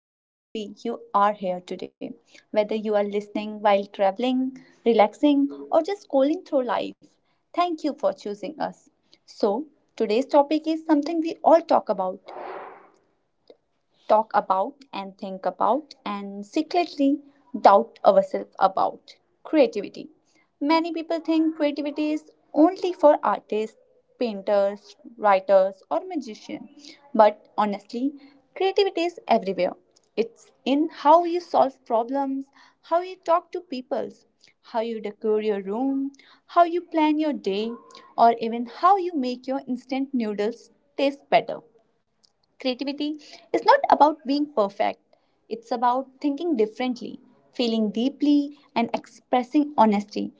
I'm so happy you are here today. Whether you are listening while traveling, relaxing, or just scrolling through life, thank you for choosing us. So, today's topic is something we all talk about and think about and secretly doubt ourselves about creativity. Many people think creativity is only for artists, painters, writers, or magicians. But honestly, creativity is everywhere. It's in how you solve problems, how you talk to people, how you decor your room, how you plan your day, or even how you make your instant noodles taste better. Creativity is not about being perfect, it's about thinking differently, feeling deeply, and expressing honesty.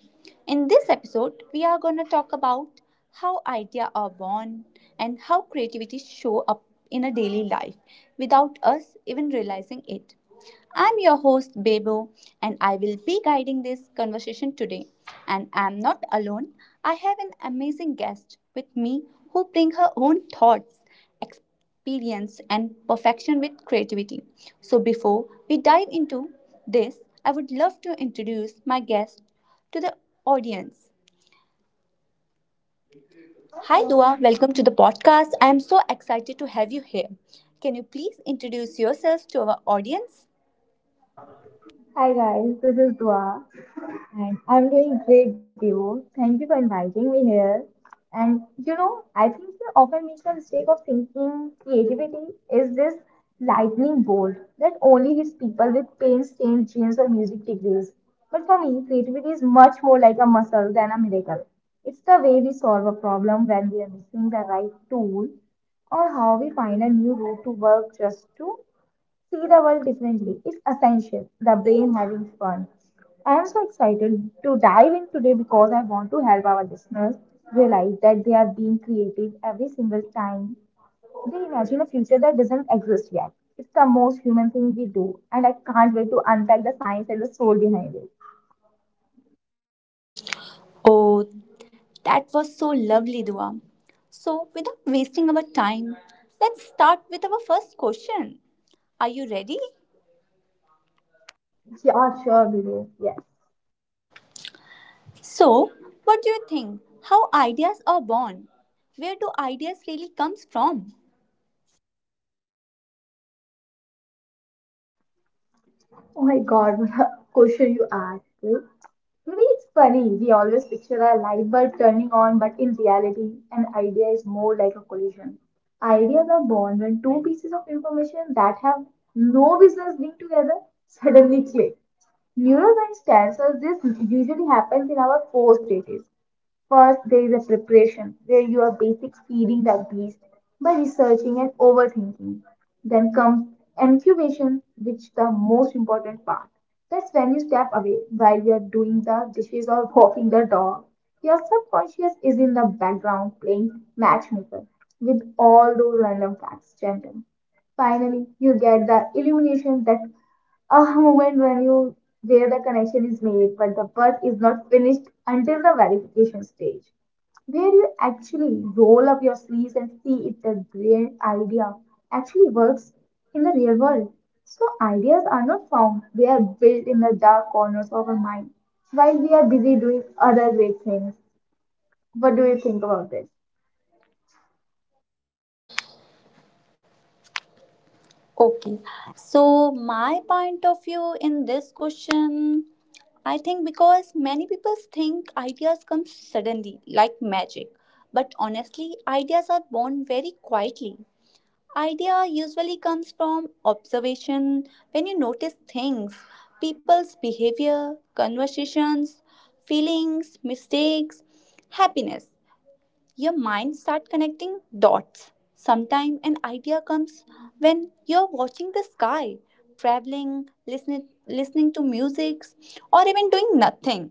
In this episode, we are going to talk about how ideas are born and how creativity show up in a daily life without us even realizing it. I'm your host, Bebo, and I will be guiding this conversation today. And I'm not alone. I have an amazing guest with me who brings her own thoughts, experience, and perfection with creativity. So before we dive into this, I would love to introduce my guest to the audience. Hi, Dua. Welcome to the podcast. I am so excited to have you here. Can you please introduce yourself to our audience? Hi guys, this is Dua and I'm doing great Devo. Thank you for inviting me here. And you know, I think we often make the mistake of thinking creativity is this lightning bolt that only hits people with paint-stained jeans or music degrees. But for me, creativity is much more like a muscle than a miracle. It's the way we solve a problem when we are missing the right tool or how we find a new route to work just to see the world differently is essential. The brain having fun. I am so excited to dive in today because I want to help our listeners realize that they are being creative every single time they imagine a future that doesn't exist yet. It's the most human thing we do, and I can't wait to unpack the science and the soul behind it. Oh, that was so lovely, Dua. So, without wasting our time, let's start with our first question. Are you ready? Yeah, sure, we do. Yes. So, what do you think? How ideas are born? Where do ideas really comes from? Oh my God, what a question you asked. Maybe it's funny, we always picture a light bulb turning on, but in reality, an idea is more like a collision. Ideas are born when two pieces of information that have no business being together suddenly click. Neuroscience tells us this usually happens in our post stages. First, there is a preparation where you are basic feeding that beast by researching and overthinking. Then comes incubation, which the most important part. That's when you step away while you are doing the dishes or walking the dog. Your subconscious is in the background playing matchmaker with all those random facts, gentle finally you get the illumination, that ah moment when you where the connection is made, but the birth is not finished until the verification stage where you actually roll up your sleeves and see if the brilliant idea actually works in the real world. So, ideas are not found, they are built in the dark corners of our mind while we are busy doing other great things. What do you think about this? Okay. So, my point of view in this question, I think because many people think ideas come suddenly like magic, but honestly, ideas are born very quietly. Idea usually comes from observation when you notice things, people's behavior, conversations, feelings, mistakes, happiness. Your mind start connecting dots. Sometimes an idea comes when you're watching the sky, traveling, listening to music, or even doing nothing.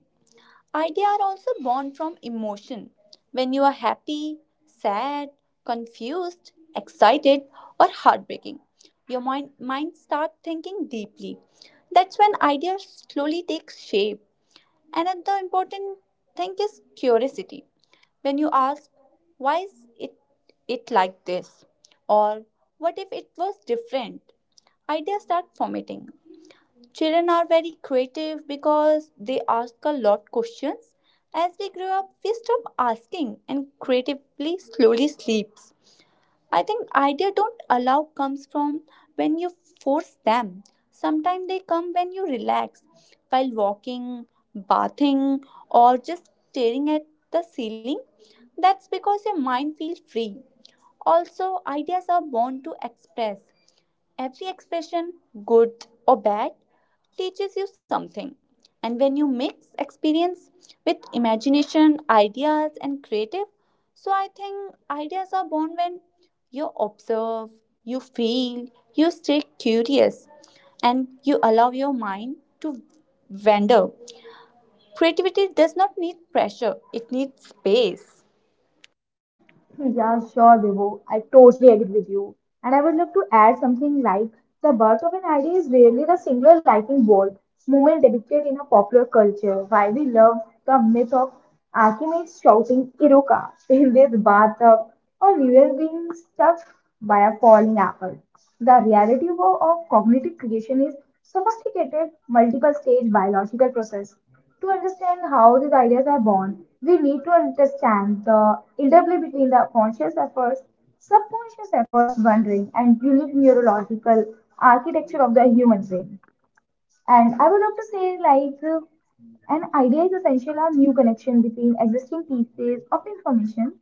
Ideas are also born from emotion. When you are happy, sad, confused, excited, or heartbreaking, your mind starts thinking deeply. That's when ideas slowly take shape. Another important thing is curiosity. When you ask, why is it, it like this? Or what if it was different? Ideas start formatting. Children are very creative because they ask a lot questions. As we grow up, we stop asking and creatively slowly sleeps. I think idea don't allow comes from when you force them. Sometimes they come when you relax while walking, bathing or just staring at the ceiling. That's because your mind feels free. Also, ideas are born to express. Every expression, good or bad, teaches you something. And when you mix experience with imagination, ideas, and creative, so I think ideas are born when you observe, you feel, you stay curious, and you allow your mind to wander. Creativity does not need pressure, it needs space. Yeah, sure, Vibhu. I totally agree with you. And I would love to add something like the birth of an idea is rarely the singular lightning bolt moment depicted in a popular culture. Why we love the myth of Archimedes shouting Iruka in this bathtub or Nero being struck by a falling apple. The reality of cognitive creation is sophisticated, multiple stage biological process. To understand how these ideas are born, we need to understand the interplay between the conscious efforts, subconscious efforts, wandering, and unique neurological architecture of the human brain. And I would love to say, an idea is essential a new connection between existing pieces of information.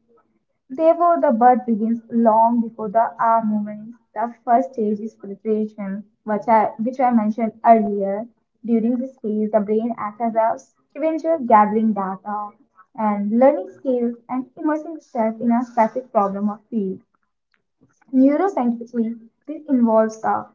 Therefore, the birth begins long before the hour movement. The first stage is preparation, which I mentioned earlier. During this phase, the brain acts as a scavenger gathering data and learning skills and immersing itself in a specific problem or field. Neuroscientifically, this involves the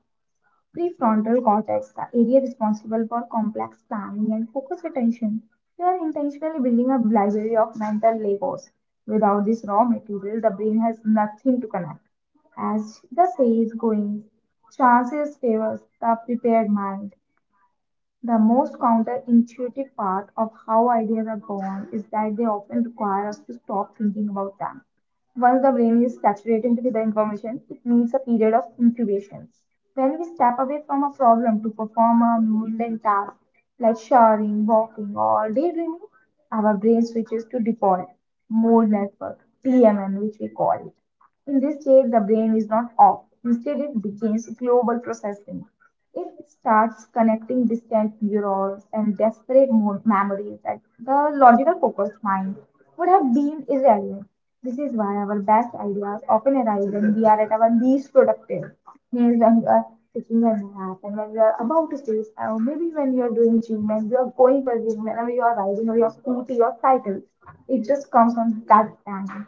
prefrontal cortex, the area responsible for complex planning and focused attention. We are intentionally building a library of mental Legos. Without this raw material, the brain has nothing to connect. As the saying goes, chances favors the prepared mind. The most counterintuitive part of how ideas are born is that they often require us to stop thinking about them. Once the brain is saturated with the information, it needs a period of incubation. When we step away from a problem to perform a mundane task like showering, walking, or daydreaming, our brain switches to default mode network, (DMN), which we call it. In this state, the brain is not off. Instead, it begins global processing. It starts connecting distant neurons and desperate memories that the logical focused mind would have been irrelevant. This is why our best ideas often arise when we are at our least productive. Means when you are taking a nap and when you are about to stay, or maybe when you are doing gym, when you are going for gym, whenever you are riding or your scooty or cycle, it just comes on that time.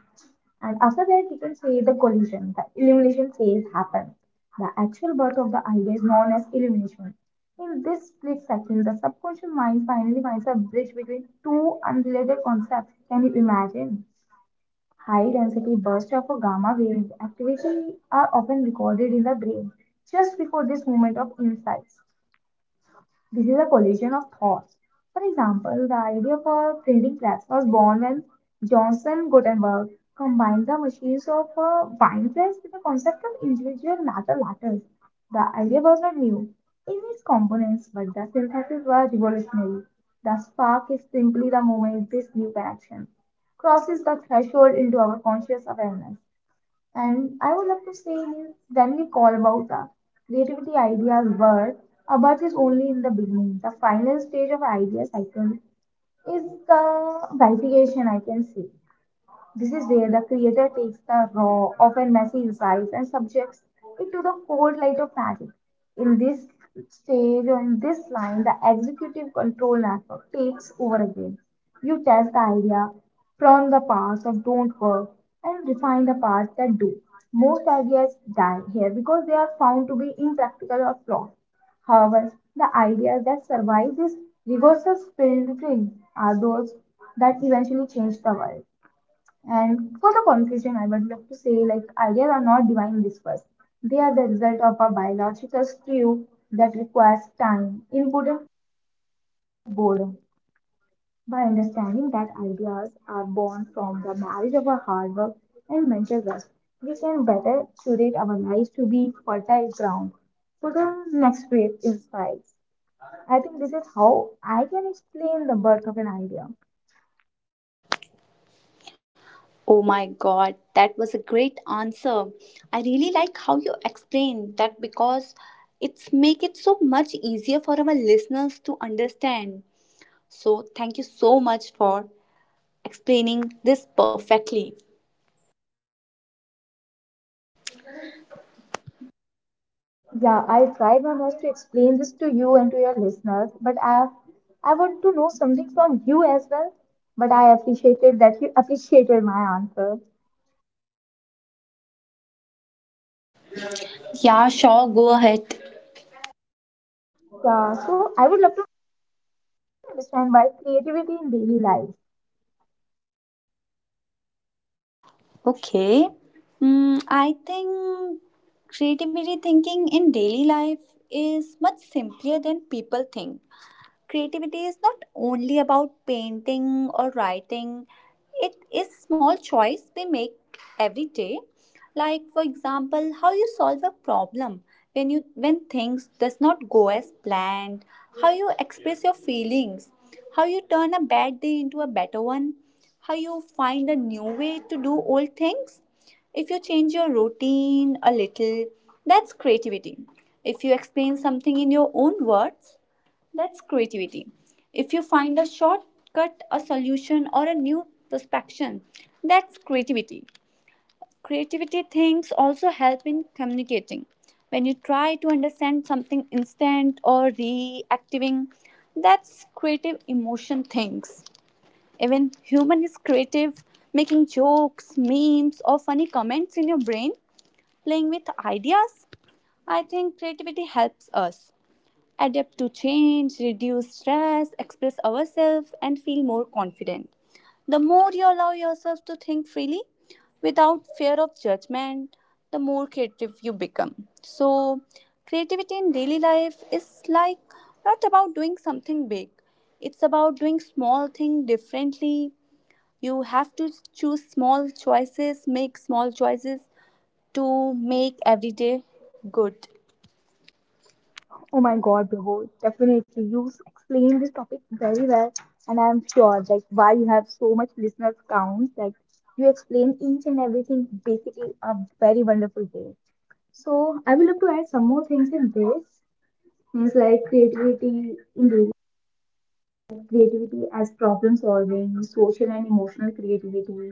And after that, we can say the collision, the illumination phase happens. The actual birth of the idea is known as illumination. In this split second, the subconscious mind finally finds a bridge between two unrelated concepts. Can you imagine? High density bursts of a gamma wave activity are often recorded in the brain just before this moment of insights. This is a collision of thoughts. For example, the idea for printing press was born when Johnson Gutenberg combined the machines of a wine press with the concept of individual metal letters. The idea was not new in its components, but the synthesis was revolutionary. The spark is simply the moment this new connection crosses the threshold into our conscious awareness. And I would love to say is Stanley Kohlberg, the creativity ideas word but is only in the beginning. The final stage of idea cycle is the validation, I can say. This is where the creator takes the raw, often messy insights and subjects it to the cold light of magic. In this stage or in this line, the executive control network takes over again. You test the idea, prune the parts that don't work, and refine the parts that do. Most ideas die here because they are found to be impractical or flawed. However, the ideas that survive this reversal spring are those that eventually change the world. And for the conclusion, I would love to say like ideas are not divine whispers. They are the result of a biological stew that requires time, input, and boredom. By understanding that ideas are born from the marriage of our hard work and mental rest, we can better curate our lives to be fertile ground for the next wave insights. I think this is how I can explain the birth of an idea. Oh my god, that was a great answer. I really like how you explained that because it's make it so much easier for our listeners to understand. So thank you so much for explaining this perfectly. Yeah, I tried my best to explain this to you and to your listeners, but I want to know something from you as well. But I appreciated that you appreciated my answer. Yeah, sure, go ahead. Yeah, so I would love to understand why creativity in daily life. Okay. I think creativity thinking in daily life is much simpler than people think. Creativity is not only about painting or writing, it is small choice we make every day. Like for example, how you solve a problem when you when things does not go as planned, how you express your feelings, how you turn a bad day into a better one, how you find a new way to do old things. If you change your routine a little, that's creativity. If you explain something in your own words, that's creativity. If you find a shortcut, a solution, or a new perspective, that's creativity. Creativity things also help in communicating. When you try to understand something instant or reacting, that's creative emotion things. Even human is creative, making jokes, memes, or funny comments in your brain, playing with ideas. I think creativity helps us adapt to change, reduce stress, express ourselves, and feel more confident. The more you allow yourself to think freely without fear of judgment, the more creative you become. So, creativity in daily life is like not about doing something big, it's about doing small thing differently. You have to choose small choices, make small choices to make every day good. Oh my God, Bro, definitely you explained this topic very well, and I'm sure like why you have so much listeners counts. Like you explain each and everything basically a very wonderful way. So I will love to add some more things in this. Things like creativity in daily life, creativity as problem solving, social and emotional creativity,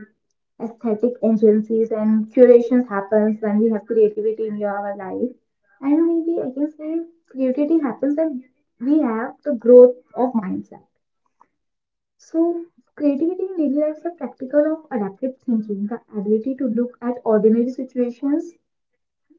aesthetic agencies and curations happens when we have creativity in our life. And maybe I can say creativity happens when we have the growth of mindset. So, creativity in daily life is a practical of adaptive thinking, the ability to look at ordinary situations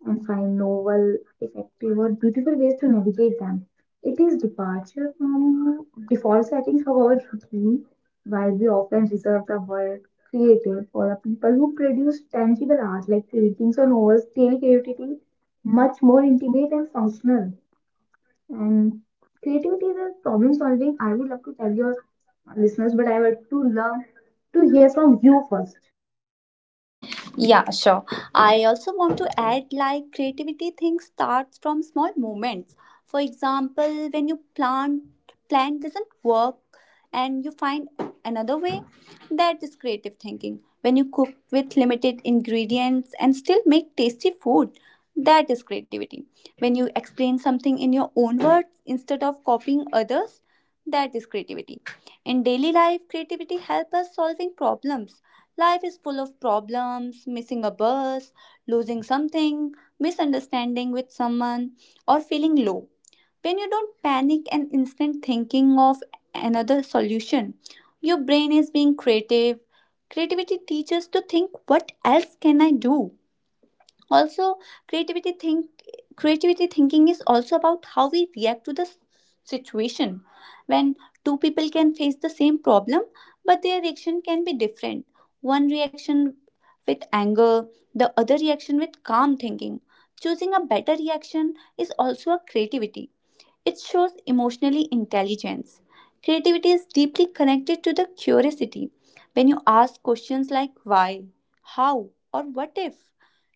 and find novel, effective, or beautiful ways to navigate them. It is departure from default settings of our routine, while we often reserve the word creative for the people who produce tangible art like paintings or novels, daily creativity much more intimate and functional. And creativity is a problem solving. I would love to tell your listeners, but I would to love to hear from you first. Yeah, sure. I also want to add like creativity things starts from small moments. For example, when you plan doesn't work and you find another way, that is creative thinking. When you cook with limited ingredients and still make tasty food, that is creativity. When you explain something in your own words instead of copying others, that is creativity. In daily life, creativity helps us solving problems. Life is full of problems, missing a bus, losing something, misunderstanding with someone, or feeling low. When you don't panic and instant thinking of another solution, your brain is being creative. Creativity teaches to think what else can I do? Also creativity think creativity thinking is also about how we react to the situation when two people can face the same problem but their reaction can be different, one reaction with anger, the other reaction with calm thinking. Choosing a better reaction is also a creativity, it shows emotionally intelligence. Creativity is deeply connected to the curiosity. When you ask questions like why, how, or what if,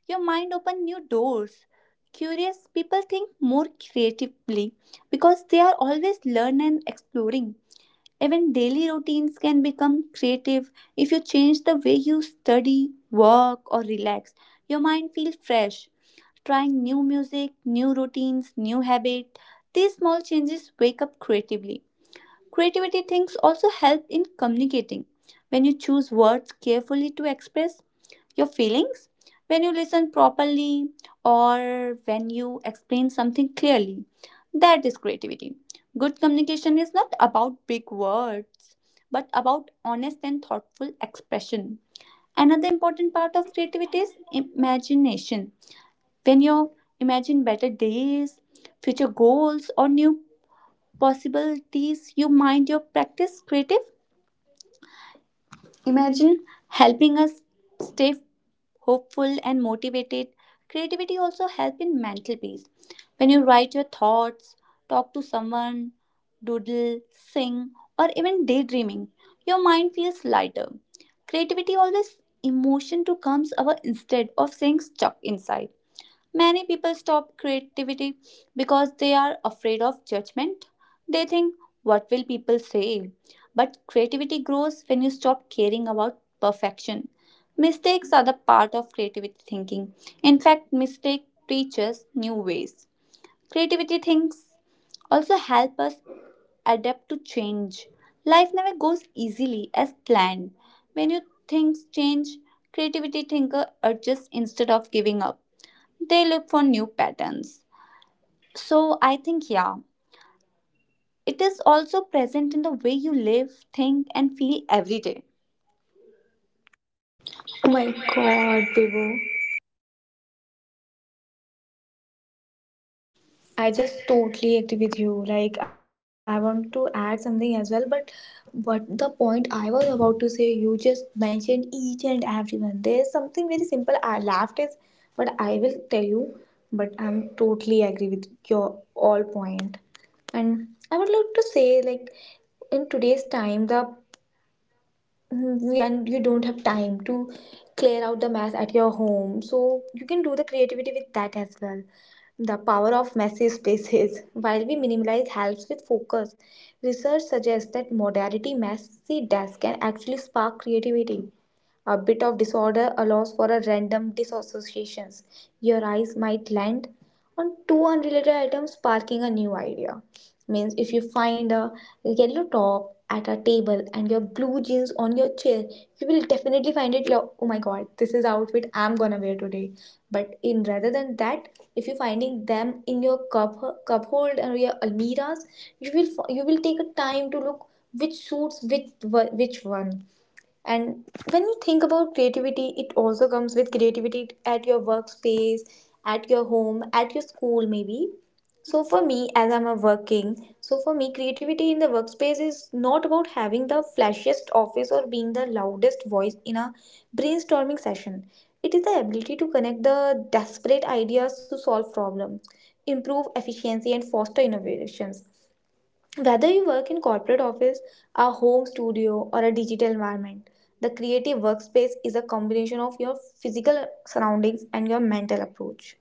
your mind opens new doors. Curious people think more creatively because they are always learning and exploring. Even daily routines can become creative if you change the way you study, work, or relax. Your mind feels fresh trying new music, new routines, new habit. These small changes wake up creatively. Creativity things also help in communicating. When you choose words carefully to express your feelings, when you listen properly, or when you explain something clearly, that is creativity. Good communication is not about big words, but about honest and thoughtful expression. Another important part of creativity is imagination when you imagine better days, future goals, or new possibilities, you mind your practice creative. Imagine helping us stay hopeful and motivated. Creativity also help in mental peace. When you write your thoughts, talk to someone, doodle, sing, or even daydreaming, your mind feels lighter. Creativity always emotion to comes our instead of saying stuck inside. Many people stop creativity because they are afraid of judgment. They think, what will people say? But creativity grows when you stop caring about perfection. Mistakes are the part of creativity thinking. In fact, mistake teaches new ways. Creativity thinks also help us adapt to change. Life never goes easily as planned. When you things change, creativity thinker adjusts instead of giving up, they look for new patterns. So I think, yeah, it is also present in the way you live, think, and feel every day. Oh my god, Bibo. I just totally agree with you. Like, I want to add something as well, but what the point I was about to say, you just mentioned each and everyone. There's something very simple I laughed is, but I will tell you. But I'm totally agree with your all point, and I would like to say like in today's time the mhm, and you don't have time to clear out the mess at your home, so you can do the creativity with that as well. The power of messy spaces, while we minimalize helps with focus. Research suggests that modality messy desk can actually spark creativity. A bit of disorder allows for a random disassociations. Your eyes might land on two unrelated items sparking a new idea. Means if you find a yellow top at a table and your blue jeans on your chair, you will definitely find it like, oh my god, this is outfit I'm gonna wear today. But in rather than that, if you're finding them in your cupboard or your almiras, you will you will take a time to look which suits which one. And when you think about creativity, it also comes with creativity at your workspace, at your home, at your school, maybe. As I'm a working, so for me, creativity in the workspace is not about having the flashiest office or being the loudest voice in a brainstorming session. It is the ability to connect the desperate ideas to solve problems, improve efficiency, and foster innovations. Whether you work in corporate office, a home studio, or a digital environment, the creative workspace is a combination of your physical surroundings and your mental approach.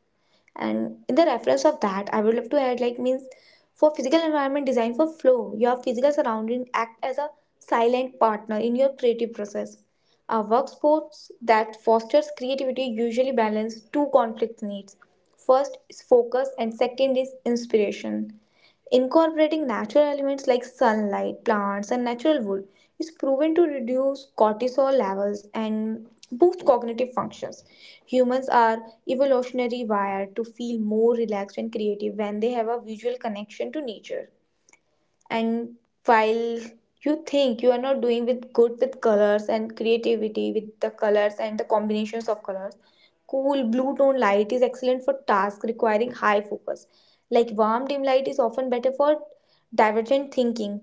And in the reference of that, I would love to add like means for physical environment design for flow, your physical surrounding act as a silent partner in your creative process. A workspace that fosters creativity usually balance two conflict needs. First is focus and second is inspiration. Incorporating natural elements like sunlight, plants, and natural wood is proven to reduce cortisol levels and boost cognitive functions. Humans are evolutionarily wired to feel more relaxed and creative when they have a visual connection to nature. And while you think you are not doing with good with colors and creativity with the colors and the combinations of colors, cool blue tone light is excellent for tasks requiring high focus, like warm dim light is often better for divergent thinking,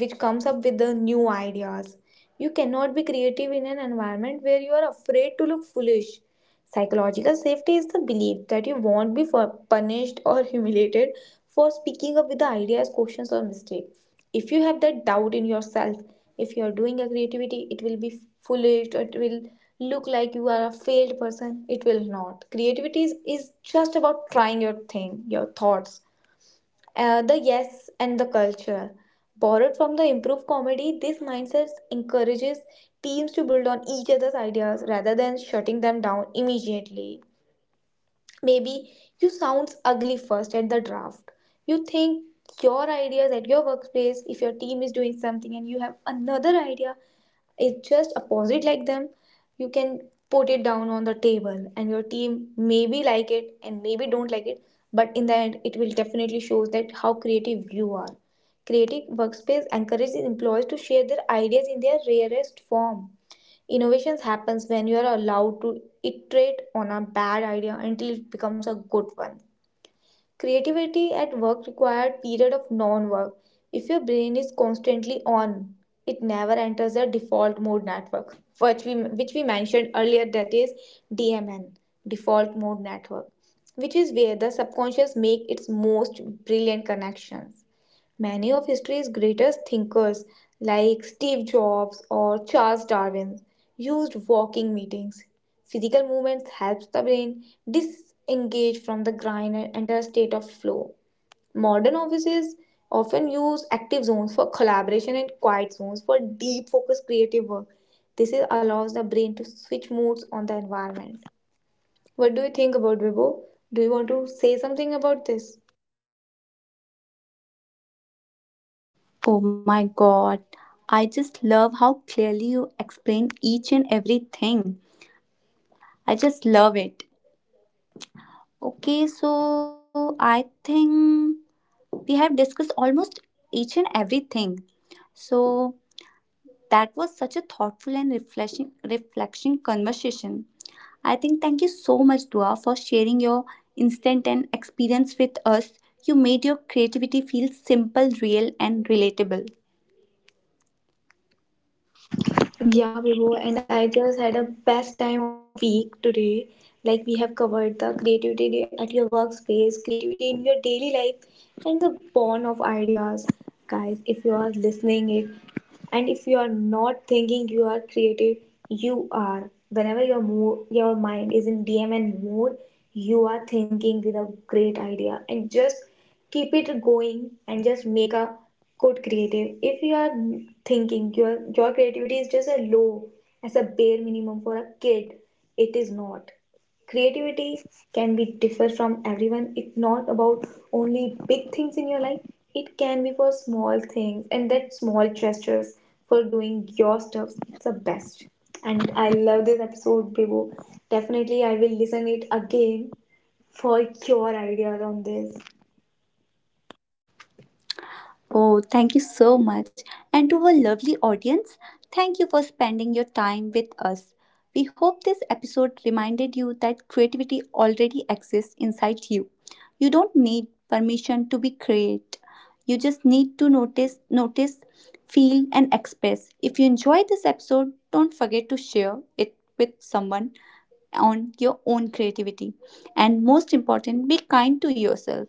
which comes up with the new ideas. You cannot be creative in an environment where you are afraid to look foolish. Psychological safety is the belief that you won't be punished or humiliated for speaking up with the ideas, questions, or mistakes. If you have that doubt in yourself, if you are doing a creativity, it will be foolish, or it will look like you are a failed person. It will not. Creativity is just about trying your thing, your thoughts. The yes and the culture. Borrowed from the improv comedy, this mindset encourages teams to build on each other's ideas rather than shutting them down immediately. Maybe you sounds ugly first at the draft. You think your ideas at your workplace, if your team is doing something and you have another idea, it's just opposite like them, you can put it down on the table and your team maybe like it and maybe don't like it, but in the end it will definitely show that how creative you are. Creative workspace encourages employees to share their ideas in their rarest form. Innovations happens when you are allowed to iterate on a bad idea until it becomes a good one. Creativity at work required period of non-work. If your brain is constantly on, it never enters the default mode network, which we mentioned earlier. That is DMN, default mode network, which is where the subconscious make its most brilliant connections. Many of history's greatest thinkers, like Steve Jobs or Charles Darwin, used walking meetings. Physical movement helps the brain disengage from the grind and enter a state of flow. Modern offices often use active zones for collaboration and quiet zones for deep focused creative work. Allows the brain to switch modes on the environment. What do you think about Vibo? Do you want to say something about this? Oh my god, I just love how clearly you explain each and everything. I just love it. Okay, so I think we have discussed almost each and everything. So that was such a thoughtful and refreshing, reflection conversation. I think thank you so much, Dua, for sharing your instant and experience with us. You made your creativity feel simple, real, and relatable. Yeah, Vibhu, and I just had a best time of the week today. Like we have covered the creativity at your workspace, creativity in your daily life, and the born of ideas. Guys, if you are listening it, and if you are not thinking you are creative, you are. Whenever your mood, your mind is in DMN mode, you are thinking with a great idea, and just keep it going and just make a good creative. If you are thinking your creativity is just a low as a bare minimum for a kid, it is not. Creativity can be differ from everyone. It's not about only big things in your life, it can be for small things, and that small gestures for doing your stuff, it's the best. And I love this episode, Bibo. Definitely I will listen it again for your ideas on this. Oh, thank you so much. And to our lovely audience, thank you for spending your time with us. We hope this episode reminded you that creativity already exists inside you. You don't need permission to be create. You just need to notice, feel and express. If you enjoyed this episode, don't forget to share it with someone on your own creativity. And most important, be kind to yourself.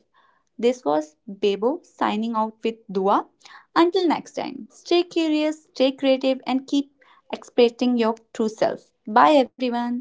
This was Bebo signing out with Dua. Until next time, stay curious, stay creative, and keep expressing your true self. Bye, everyone.